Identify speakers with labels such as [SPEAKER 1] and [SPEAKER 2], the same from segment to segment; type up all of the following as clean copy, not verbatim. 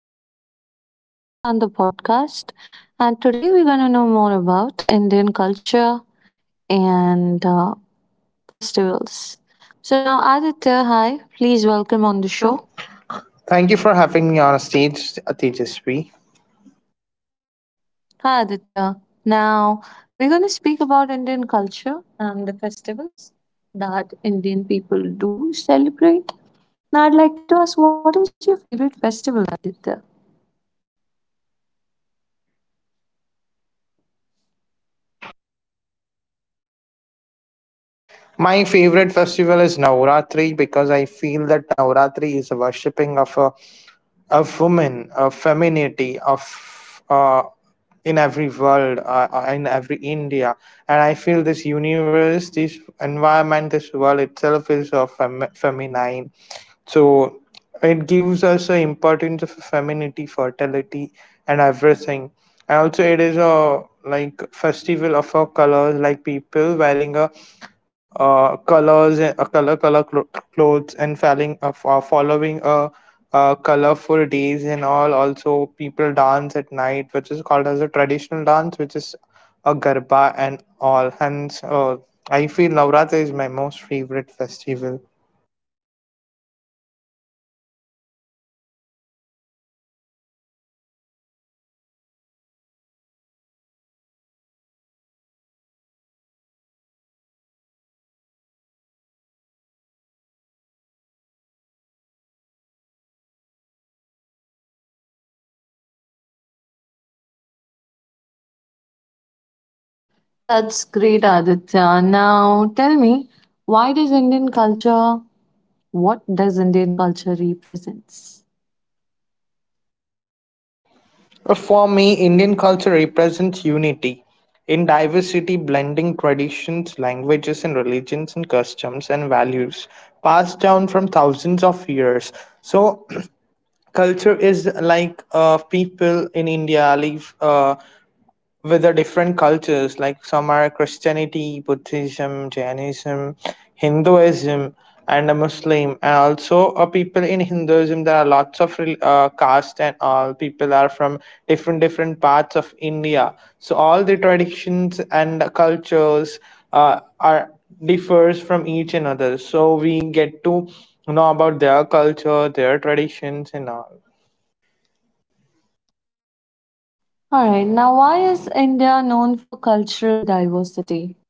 [SPEAKER 1] Aditya with us on the podcast, and today we're going to know more about Indian culture and festivals. So, now Aditya, hi, please welcome
[SPEAKER 2] On
[SPEAKER 1] on
[SPEAKER 2] the
[SPEAKER 1] the
[SPEAKER 2] show.
[SPEAKER 1] show.
[SPEAKER 2] Thank you for having me on stage, Tejasvi.
[SPEAKER 1] Hi Aditya, now we're going to speak about Indian culture and the festivals that Indian people do celebrate. Now, I'd like to ask, what is your favorite festival, Aditya?
[SPEAKER 2] My favorite festival is Navratri because I feel that Navratri is a worshipping of woman, of femininity, of in every world, in every India, and I feel this universe, this environment, this world itself is of feminine. So it gives us the importance of femininity, fertility, and everything. And also, it is a like festival of our colors, like people wearing a colors, a color color clo- clothes, and following a colorful days and all. Also, people dance at night, which is called as a traditional dance, which is a garba and all. Hence, I feel Navratri is my most favorite festival.
[SPEAKER 1] That's great, Aditya. Now tell me, why does Indian culture, what does Indian culture represents?
[SPEAKER 2] For me, Indian culture represents unity in diversity, blending traditions, languages, and religions and customs and values passed down from thousands of years. So, culture is like people in India live. With the different cultures, like some are Christianity, Buddhism, Jainism, Hinduism, and a Muslim. And also, people in Hinduism, there are lots of caste and all. People are from different different parts of India, so all the traditions and cultures are differs from each another, so we get to know about their culture, their traditions, and all.
[SPEAKER 1] All right, now why is India known for cultural diversity?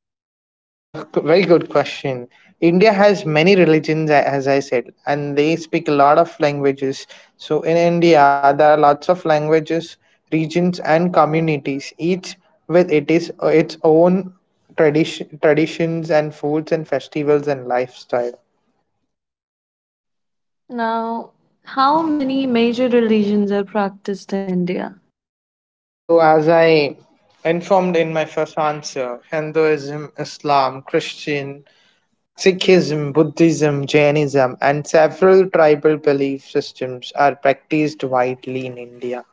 [SPEAKER 2] Very good question. India has many religions, as I said, and they speak a lot of languages. So, in India, there are lots of languages, regions, and communities, each with it is its own traditions, and foods, and festivals, and lifestyle.
[SPEAKER 1] Now, how many major religions are practiced in India?
[SPEAKER 2] So, as I informed in my first answer, Hinduism, Islam, Christian, Sikhism, Buddhism, Jainism, and several tribal belief systems are practiced widely in India.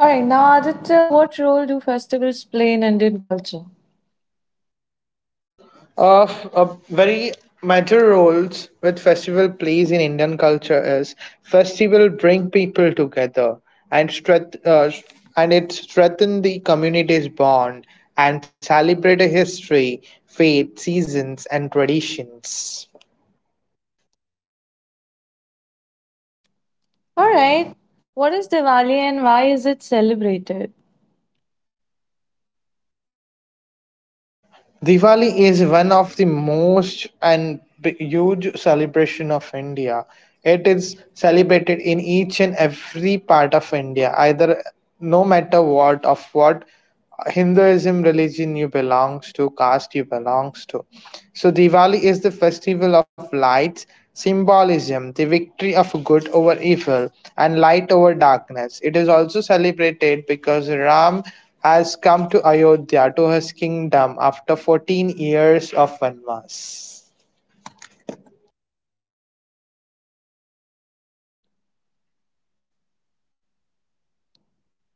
[SPEAKER 1] All right, now Aditya, what role do festivals play in Indian culture?
[SPEAKER 2] Of a very major roles which festival plays in Indian culture is festival bring people together and strength, uh, and it strengthen the community's bond and celebrate a history, faith, seasons, and traditions.
[SPEAKER 1] All right, what is Diwali and why is it celebrated?
[SPEAKER 2] Diwali is one of the huge celebration of India. It is celebrated in each and every part of India, either no matter what of what Hinduism religion you belongs to, caste you belongs to. So Diwali is the festival of lights, symbolism, the victory of good over evil, and light over darkness. It is also celebrated because Ram has come to Ayodhya to his kingdom after 14 years of Vanvas.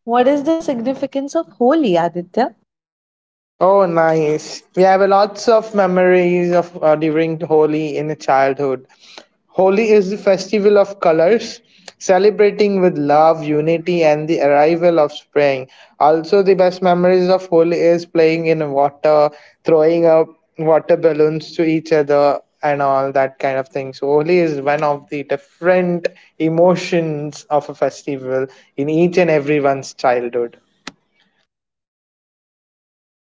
[SPEAKER 1] What is the significance of Holi, Aditya?
[SPEAKER 2] Oh, nice. We have lots of memories of during Holi in childhood. Holi is the festival of colors, celebrating with love, unity, and the arrival of spring. Also, the best memories of Holi is playing in water, throwing up water balloons to each other, and all that kind of thing. So, Holi is one of the different emotions of a festival in each and everyone's childhood.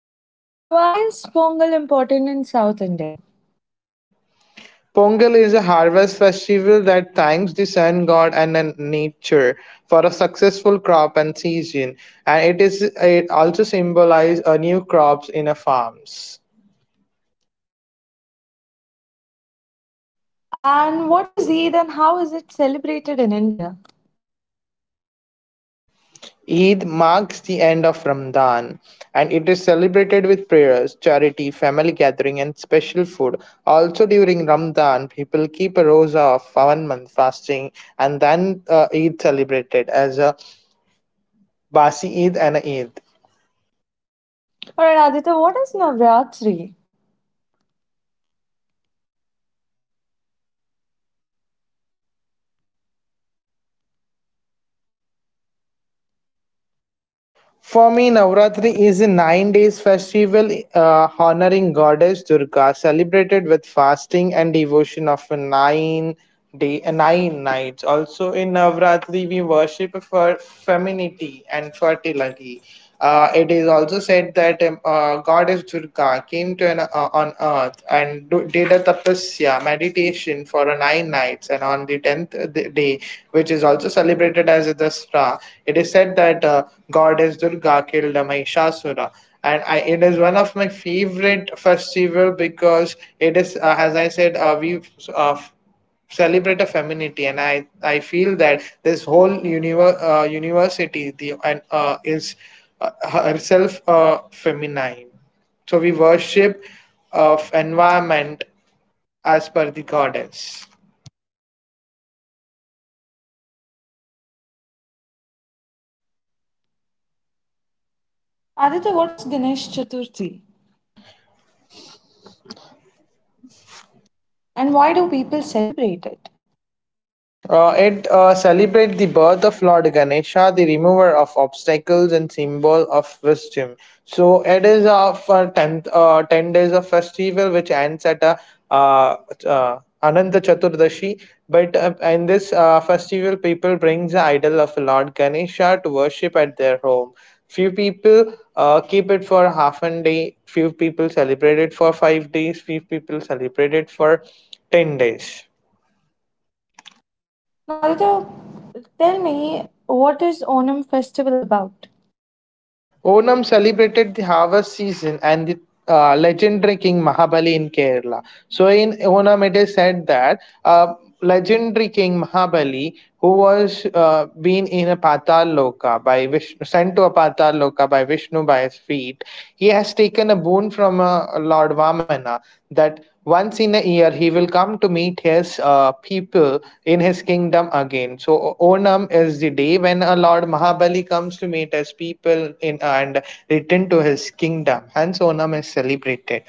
[SPEAKER 1] Right. Now, why is Pongal important in South India?
[SPEAKER 2] Pongal is a harvest festival that thanks the sun god and nature for a successful crop and season, and it also symbolizes a new crops in a farms.
[SPEAKER 1] And what is Eid and how is it celebrated in India?
[SPEAKER 2] Eid marks the end of Ramadan, and it is celebrated with prayers, charity, family gathering, and special food. Also during Ramadan, people keep a rosa of 1 month fasting, and then Eid celebrated as a Basi Eid and a Eid.
[SPEAKER 1] All right, Aditya, what is Navratri?
[SPEAKER 2] For me, Navratri is a 9 days festival honoring goddess Durga, celebrated with fasting and devotion of a 9 nights. Also in Navratri, we worship for femininity and fertility. It is also said that goddess Durga came on earth and did a tapasya meditation for 9 nights, and on the tenth day, which is also celebrated as the Dasra. It is said that goddess Durga killed a Mahishasura. It is one of my favorite festival because as I said, we uh, celebrate a femininity, and I feel that this whole university the and is herself feminine, so we worship of environment as per the goddess.
[SPEAKER 1] Aditya, what is Ganesh Chaturthi, and why do people celebrate it?
[SPEAKER 2] It celebrates the birth of Lord Ganesha, the remover of obstacles and symbol of wisdom. So it is of 10, 10 days of festival which ends at uh, Ananta Chaturdashi. But in this festival, people bring the idol of Lord Ganesha to worship at their home. Few people keep it for half a day, few people celebrate it for 5 days, few people celebrate it for 10 days.
[SPEAKER 1] Now, Aditya, tell me, what is Onam festival about?
[SPEAKER 2] Onam celebrated the harvest season and the legendary king Mahabali in Kerala. So in Onam, it is said that uh, legendary king Mahabali, who was been in a Patal Loka by Vishnu, sent to a Patal Loka by Vishnu by his feet, he has taken a boon from Lord Vamana that once in a year he will come to meet his people in his kingdom again. So Onam is the day when a Lord Mahabali comes to meet his people in and return to his kingdom. Hence Onam is celebrated.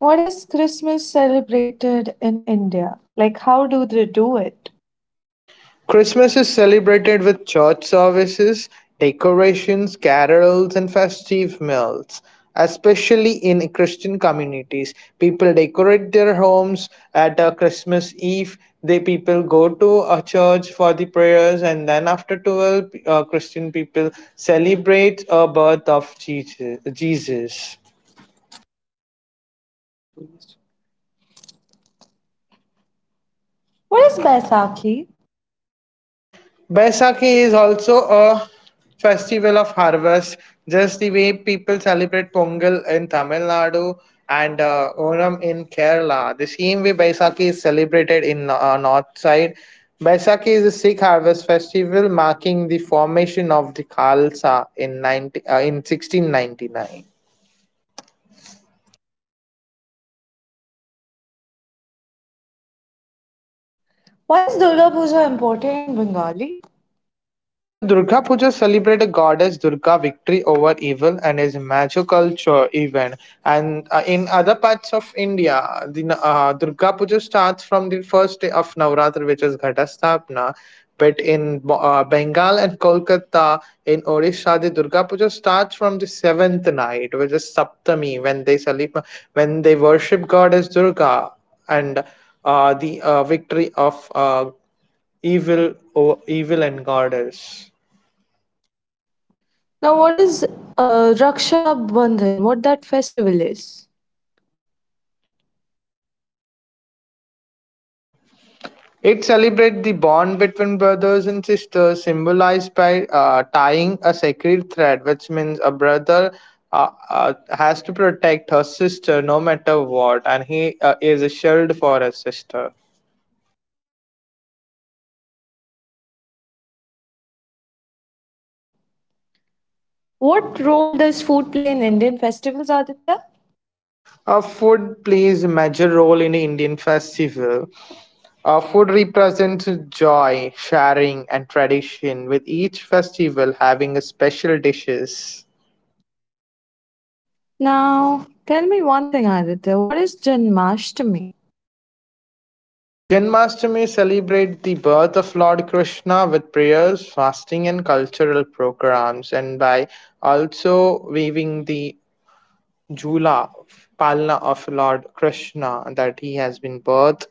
[SPEAKER 1] What is Christmas celebrated in India? Like, how do they do it?
[SPEAKER 2] Christmas is celebrated with church services, decorations, carols, and festive meals. Especially in Christian communities, people decorate their homes at a Christmas Eve. They people go to a church for the prayers, and then after 12, Christian people celebrate a birth of Jesus.
[SPEAKER 1] What is Baisakhi?
[SPEAKER 2] Baisakhi is also a festival of harvest, just the way people celebrate Pongal in Tamil Nadu and Onam in Kerala. The same way Baisakhi is celebrated in north side. Baisakhi is a Sikh harvest festival marking the formation of the Khalsa in 90, in 1699.
[SPEAKER 1] Why is Durga Puja important in Bengali?
[SPEAKER 2] So Durga Puja celebrate the goddess Durga victory over evil and is a magical event. And in other parts of India, the Durga Puja starts from the first day of Navratri, which is Ghatastapna. But in Bengal and Kolkata, in Odisha, the Durga Puja starts from the seventh night, which is Saptami, when they when they worship goddess Durga and the victory of evil and goddess.
[SPEAKER 1] Now, what is Raksha Bandhan? What that festival is?
[SPEAKER 2] It celebrates the bond between brothers and sisters, symbolized by tying a sacred thread, which means a brother has to protect her sister no matter what, and he is a shield for his sister.
[SPEAKER 1] What role does food play in Indian festivals, Aditya?
[SPEAKER 2] Food plays a major role in the Indian festival. Food represents joy, sharing, and tradition, with each festival having a special dishes.
[SPEAKER 1] Now, tell me one thing, Aditya. What is Janmashtami?
[SPEAKER 2] Janmashtami celebrate the birth of Lord Krishna with prayers, fasting, and cultural programs, and by also weaving the Jula Palna of Lord Krishna that he has been birthed.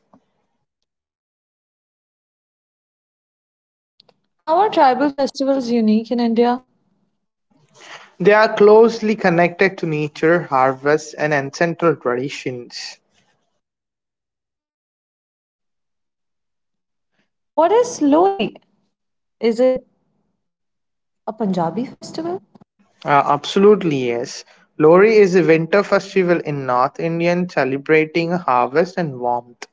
[SPEAKER 1] How are tribal festivals unique in India?
[SPEAKER 2] They are closely connected to nature, harvests, and ancestral traditions.
[SPEAKER 1] What is Lori? Is it a Punjabi festival?
[SPEAKER 2] Absolutely yes. Lori is a winter festival in North India celebrating harvest and warmth.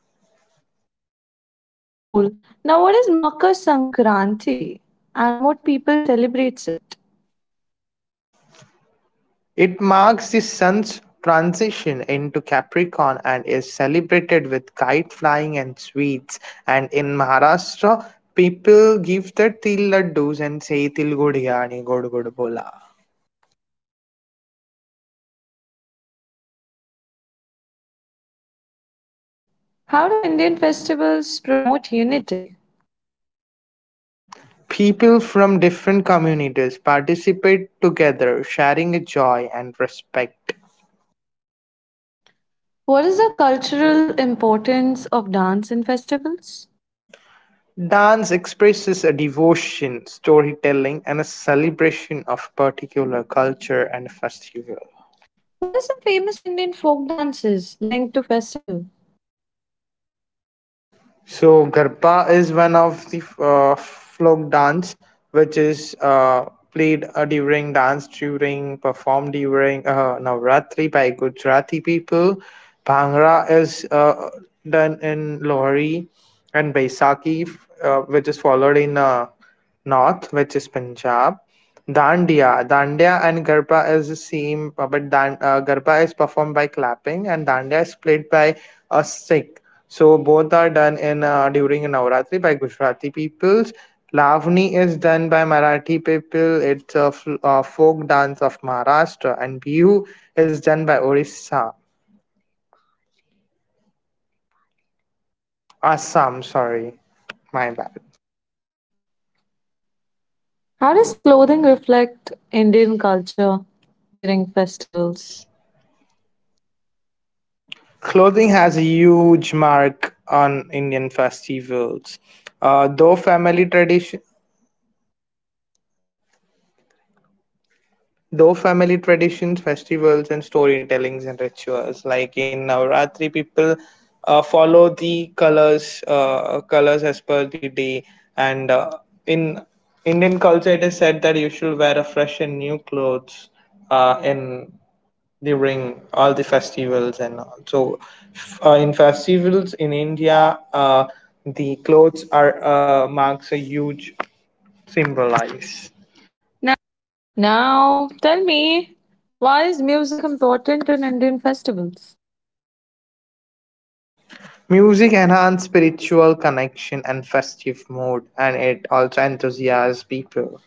[SPEAKER 1] That sounds cool. Now, what is Makar Sankranti and what people celebrates it?
[SPEAKER 2] It marks the Sun's transition into Capricorn and is celebrated with kite flying and sweets. And in Maharashtra, people give their til laddus and say til gudya and gud gud bola.
[SPEAKER 1] How do Indian festivals promote unity?
[SPEAKER 2] People from different communities participate together, sharing a joy and respect.
[SPEAKER 1] What is the cultural importance of dance in festivals?
[SPEAKER 2] Dance expresses a devotion, storytelling, and a celebration of particular culture and festival.
[SPEAKER 1] What are some famous Indian folk dances linked to festival?
[SPEAKER 2] So Garba is one of the folk dance which is played during dance during performed during Navratri by Gujarati people. Bhangra is done in Lohri and Baisakhi, which is followed in north, which is Punjab. Dandiya and Garba is the same, but Garba is performed by clapping, and Dandiya is played by a stick. So both are done in during Navratri by Gujarati peoples. Lavani is done by Marathi people. It's a folk dance of Maharashtra, and Bihu is done by Orissa, Assam. Sorry, my bad.
[SPEAKER 1] How does clothing reflect Indian culture during festivals?
[SPEAKER 2] Clothing has a huge mark on Indian festivals. Uh, though family tradition Though family traditions, festivals, and storytellings and rituals, like in Navratri, people follow the colors, colors as per the day. And in Indian culture, it is said that you should wear a fresh and new clothes in during all the festivals and all. So, in festivals in India, the clothes are marks a huge symbolize.
[SPEAKER 1] Now, tell me, why is music important in Indian festivals?
[SPEAKER 2] Music enhances spiritual connection and festive mood, and it also enthuses people.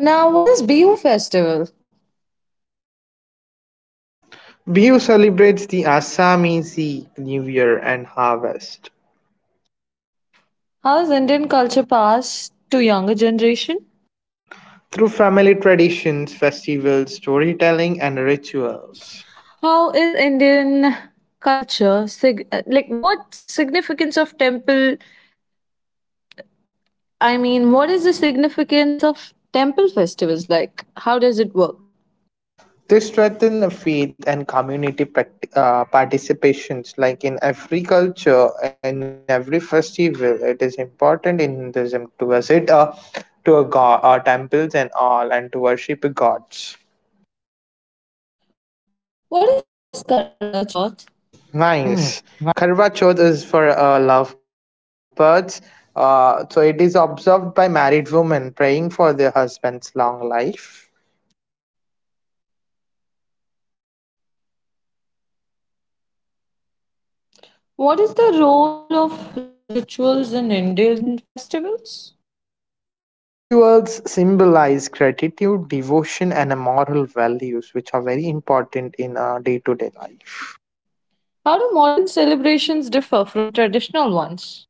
[SPEAKER 1] Now, what is Bihu festival?
[SPEAKER 2] Bihu celebrates the Assamese New Year and harvest
[SPEAKER 1] How is Indian culture passed to younger generation?
[SPEAKER 2] through family traditions, festivals, storytelling, and rituals.
[SPEAKER 1] How is Indian culture like what significance of temple, I mean, what is the significance of temple festivals like? How does it work?
[SPEAKER 2] They strengthen the faith and community participations. Like in every culture, in every festival, it is important in Hinduism to visit to a god, temples and all, and to worship gods.
[SPEAKER 1] What is Karwa Chauth?
[SPEAKER 2] Mm, nice. Karwa Chauth is for lovebirds. So it is observed by married women praying for their husband's long life.
[SPEAKER 1] What is the role of rituals in Indian festivals?
[SPEAKER 2] Rituals symbolize gratitude, devotion, and moral values, which are very important in our day to day life.
[SPEAKER 1] How do modern celebrations differ from traditional ones?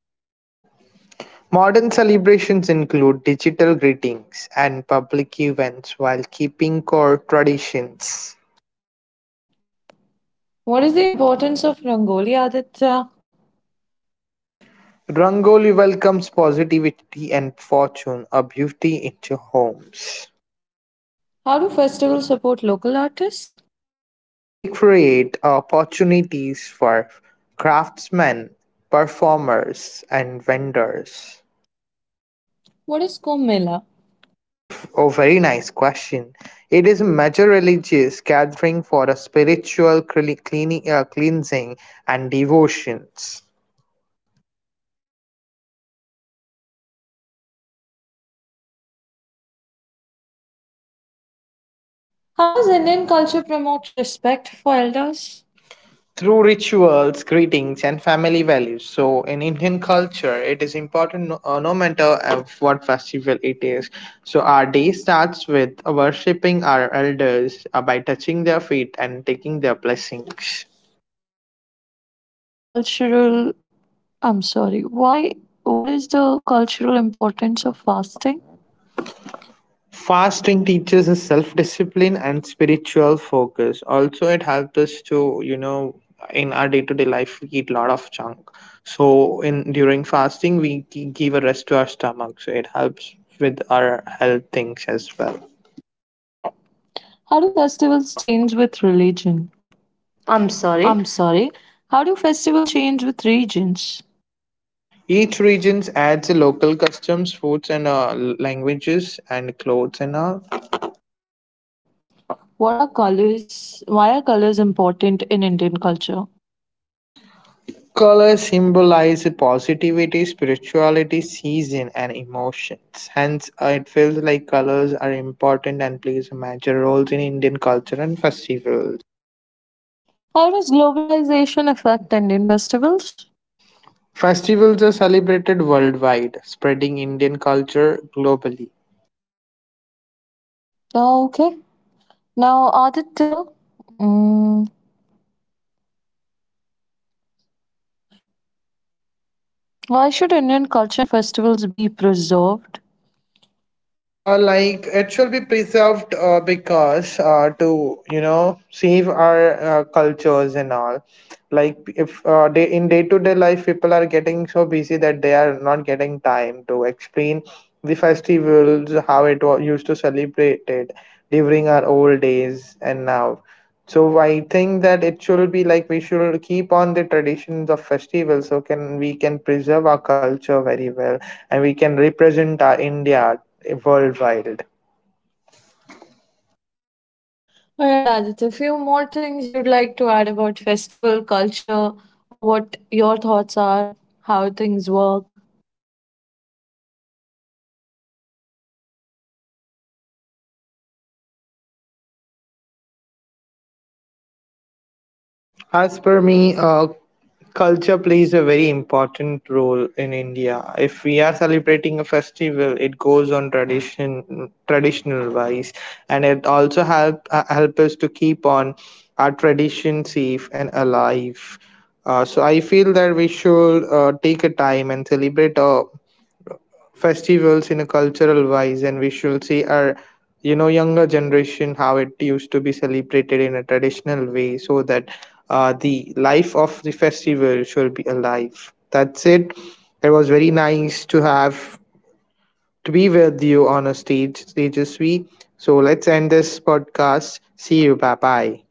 [SPEAKER 2] Modern celebrations include digital greetings and public events while keeping core traditions.
[SPEAKER 1] What is the importance of Rangoli, Aditya?
[SPEAKER 2] Rangoli welcomes positivity and fortune, a beauty into homes.
[SPEAKER 1] How do festivals support local artists?
[SPEAKER 2] They create opportunities for craftsmen, performers, and vendors.
[SPEAKER 1] What is Kumbh Mela?
[SPEAKER 2] Oh, very nice question. It is a major religious gathering for a spiritual cleansing and devotions.
[SPEAKER 1] How does Indian culture promote respect for elders?
[SPEAKER 2] Through rituals, greetings, and family values. So, in Indian culture, it is important no matter what festival it is. So, our day starts with worshipping our elders by touching their feet and taking their blessings.
[SPEAKER 1] What is cultural I'm sorry. Why? What is the cultural importance of fasting?
[SPEAKER 2] Fasting teaches us self discipline and spiritual focus. Also, it helps us to, in our day to day life, we eat a lot of junk. So, in during fasting, we give a rest to our stomach. So, it helps with our health things as well.
[SPEAKER 1] How do festivals change with religion?
[SPEAKER 2] I'm
[SPEAKER 1] I'm
[SPEAKER 2] sorry.
[SPEAKER 1] sorry. How do festivals change with regions?
[SPEAKER 2] Each region adds local customs, foods, and languages and clothes and all.
[SPEAKER 1] What are colors? Why are colors important in Indian culture?
[SPEAKER 2] Color symbolize positivity, spirituality, season, and emotions. Hence, it feels like colors are important and plays major roles in Indian culture and festivals.
[SPEAKER 1] How does globalization affect Indian festivals?
[SPEAKER 2] Festivals are celebrated worldwide, spreading Indian culture globally.
[SPEAKER 1] Oh, okay. Now, Aditya, mm, why should Indian culture and festivals be preserved?
[SPEAKER 2] Like it should be preserved because to save our cultures and all, like if day in day to day life people are getting so busy that they are not getting time to explain the festivals how it was used to celebrate it during our old days and now. So I think that it should be like we should keep on the traditions of festivals, so can we can preserve our culture very well, and we can represent our India worldwide.
[SPEAKER 1] All right, Aditya, a few more things you'd like to add about festival culture, or what your thoughts are, how things work.
[SPEAKER 2] As per me, culture plays a very important role in India. If we are celebrating a festival, it goes on traditional wise, and it also help us to keep on our tradition safe and alive. So I feel that we should take a time and celebrate a festivals in a cultural wise, and we should see our younger generation how it used to be celebrated in a traditional way, so that the life of the festival should be alive. That's it. It was very nice to be with you on a stage. We so, let's end this podcast. See you. Bye bye.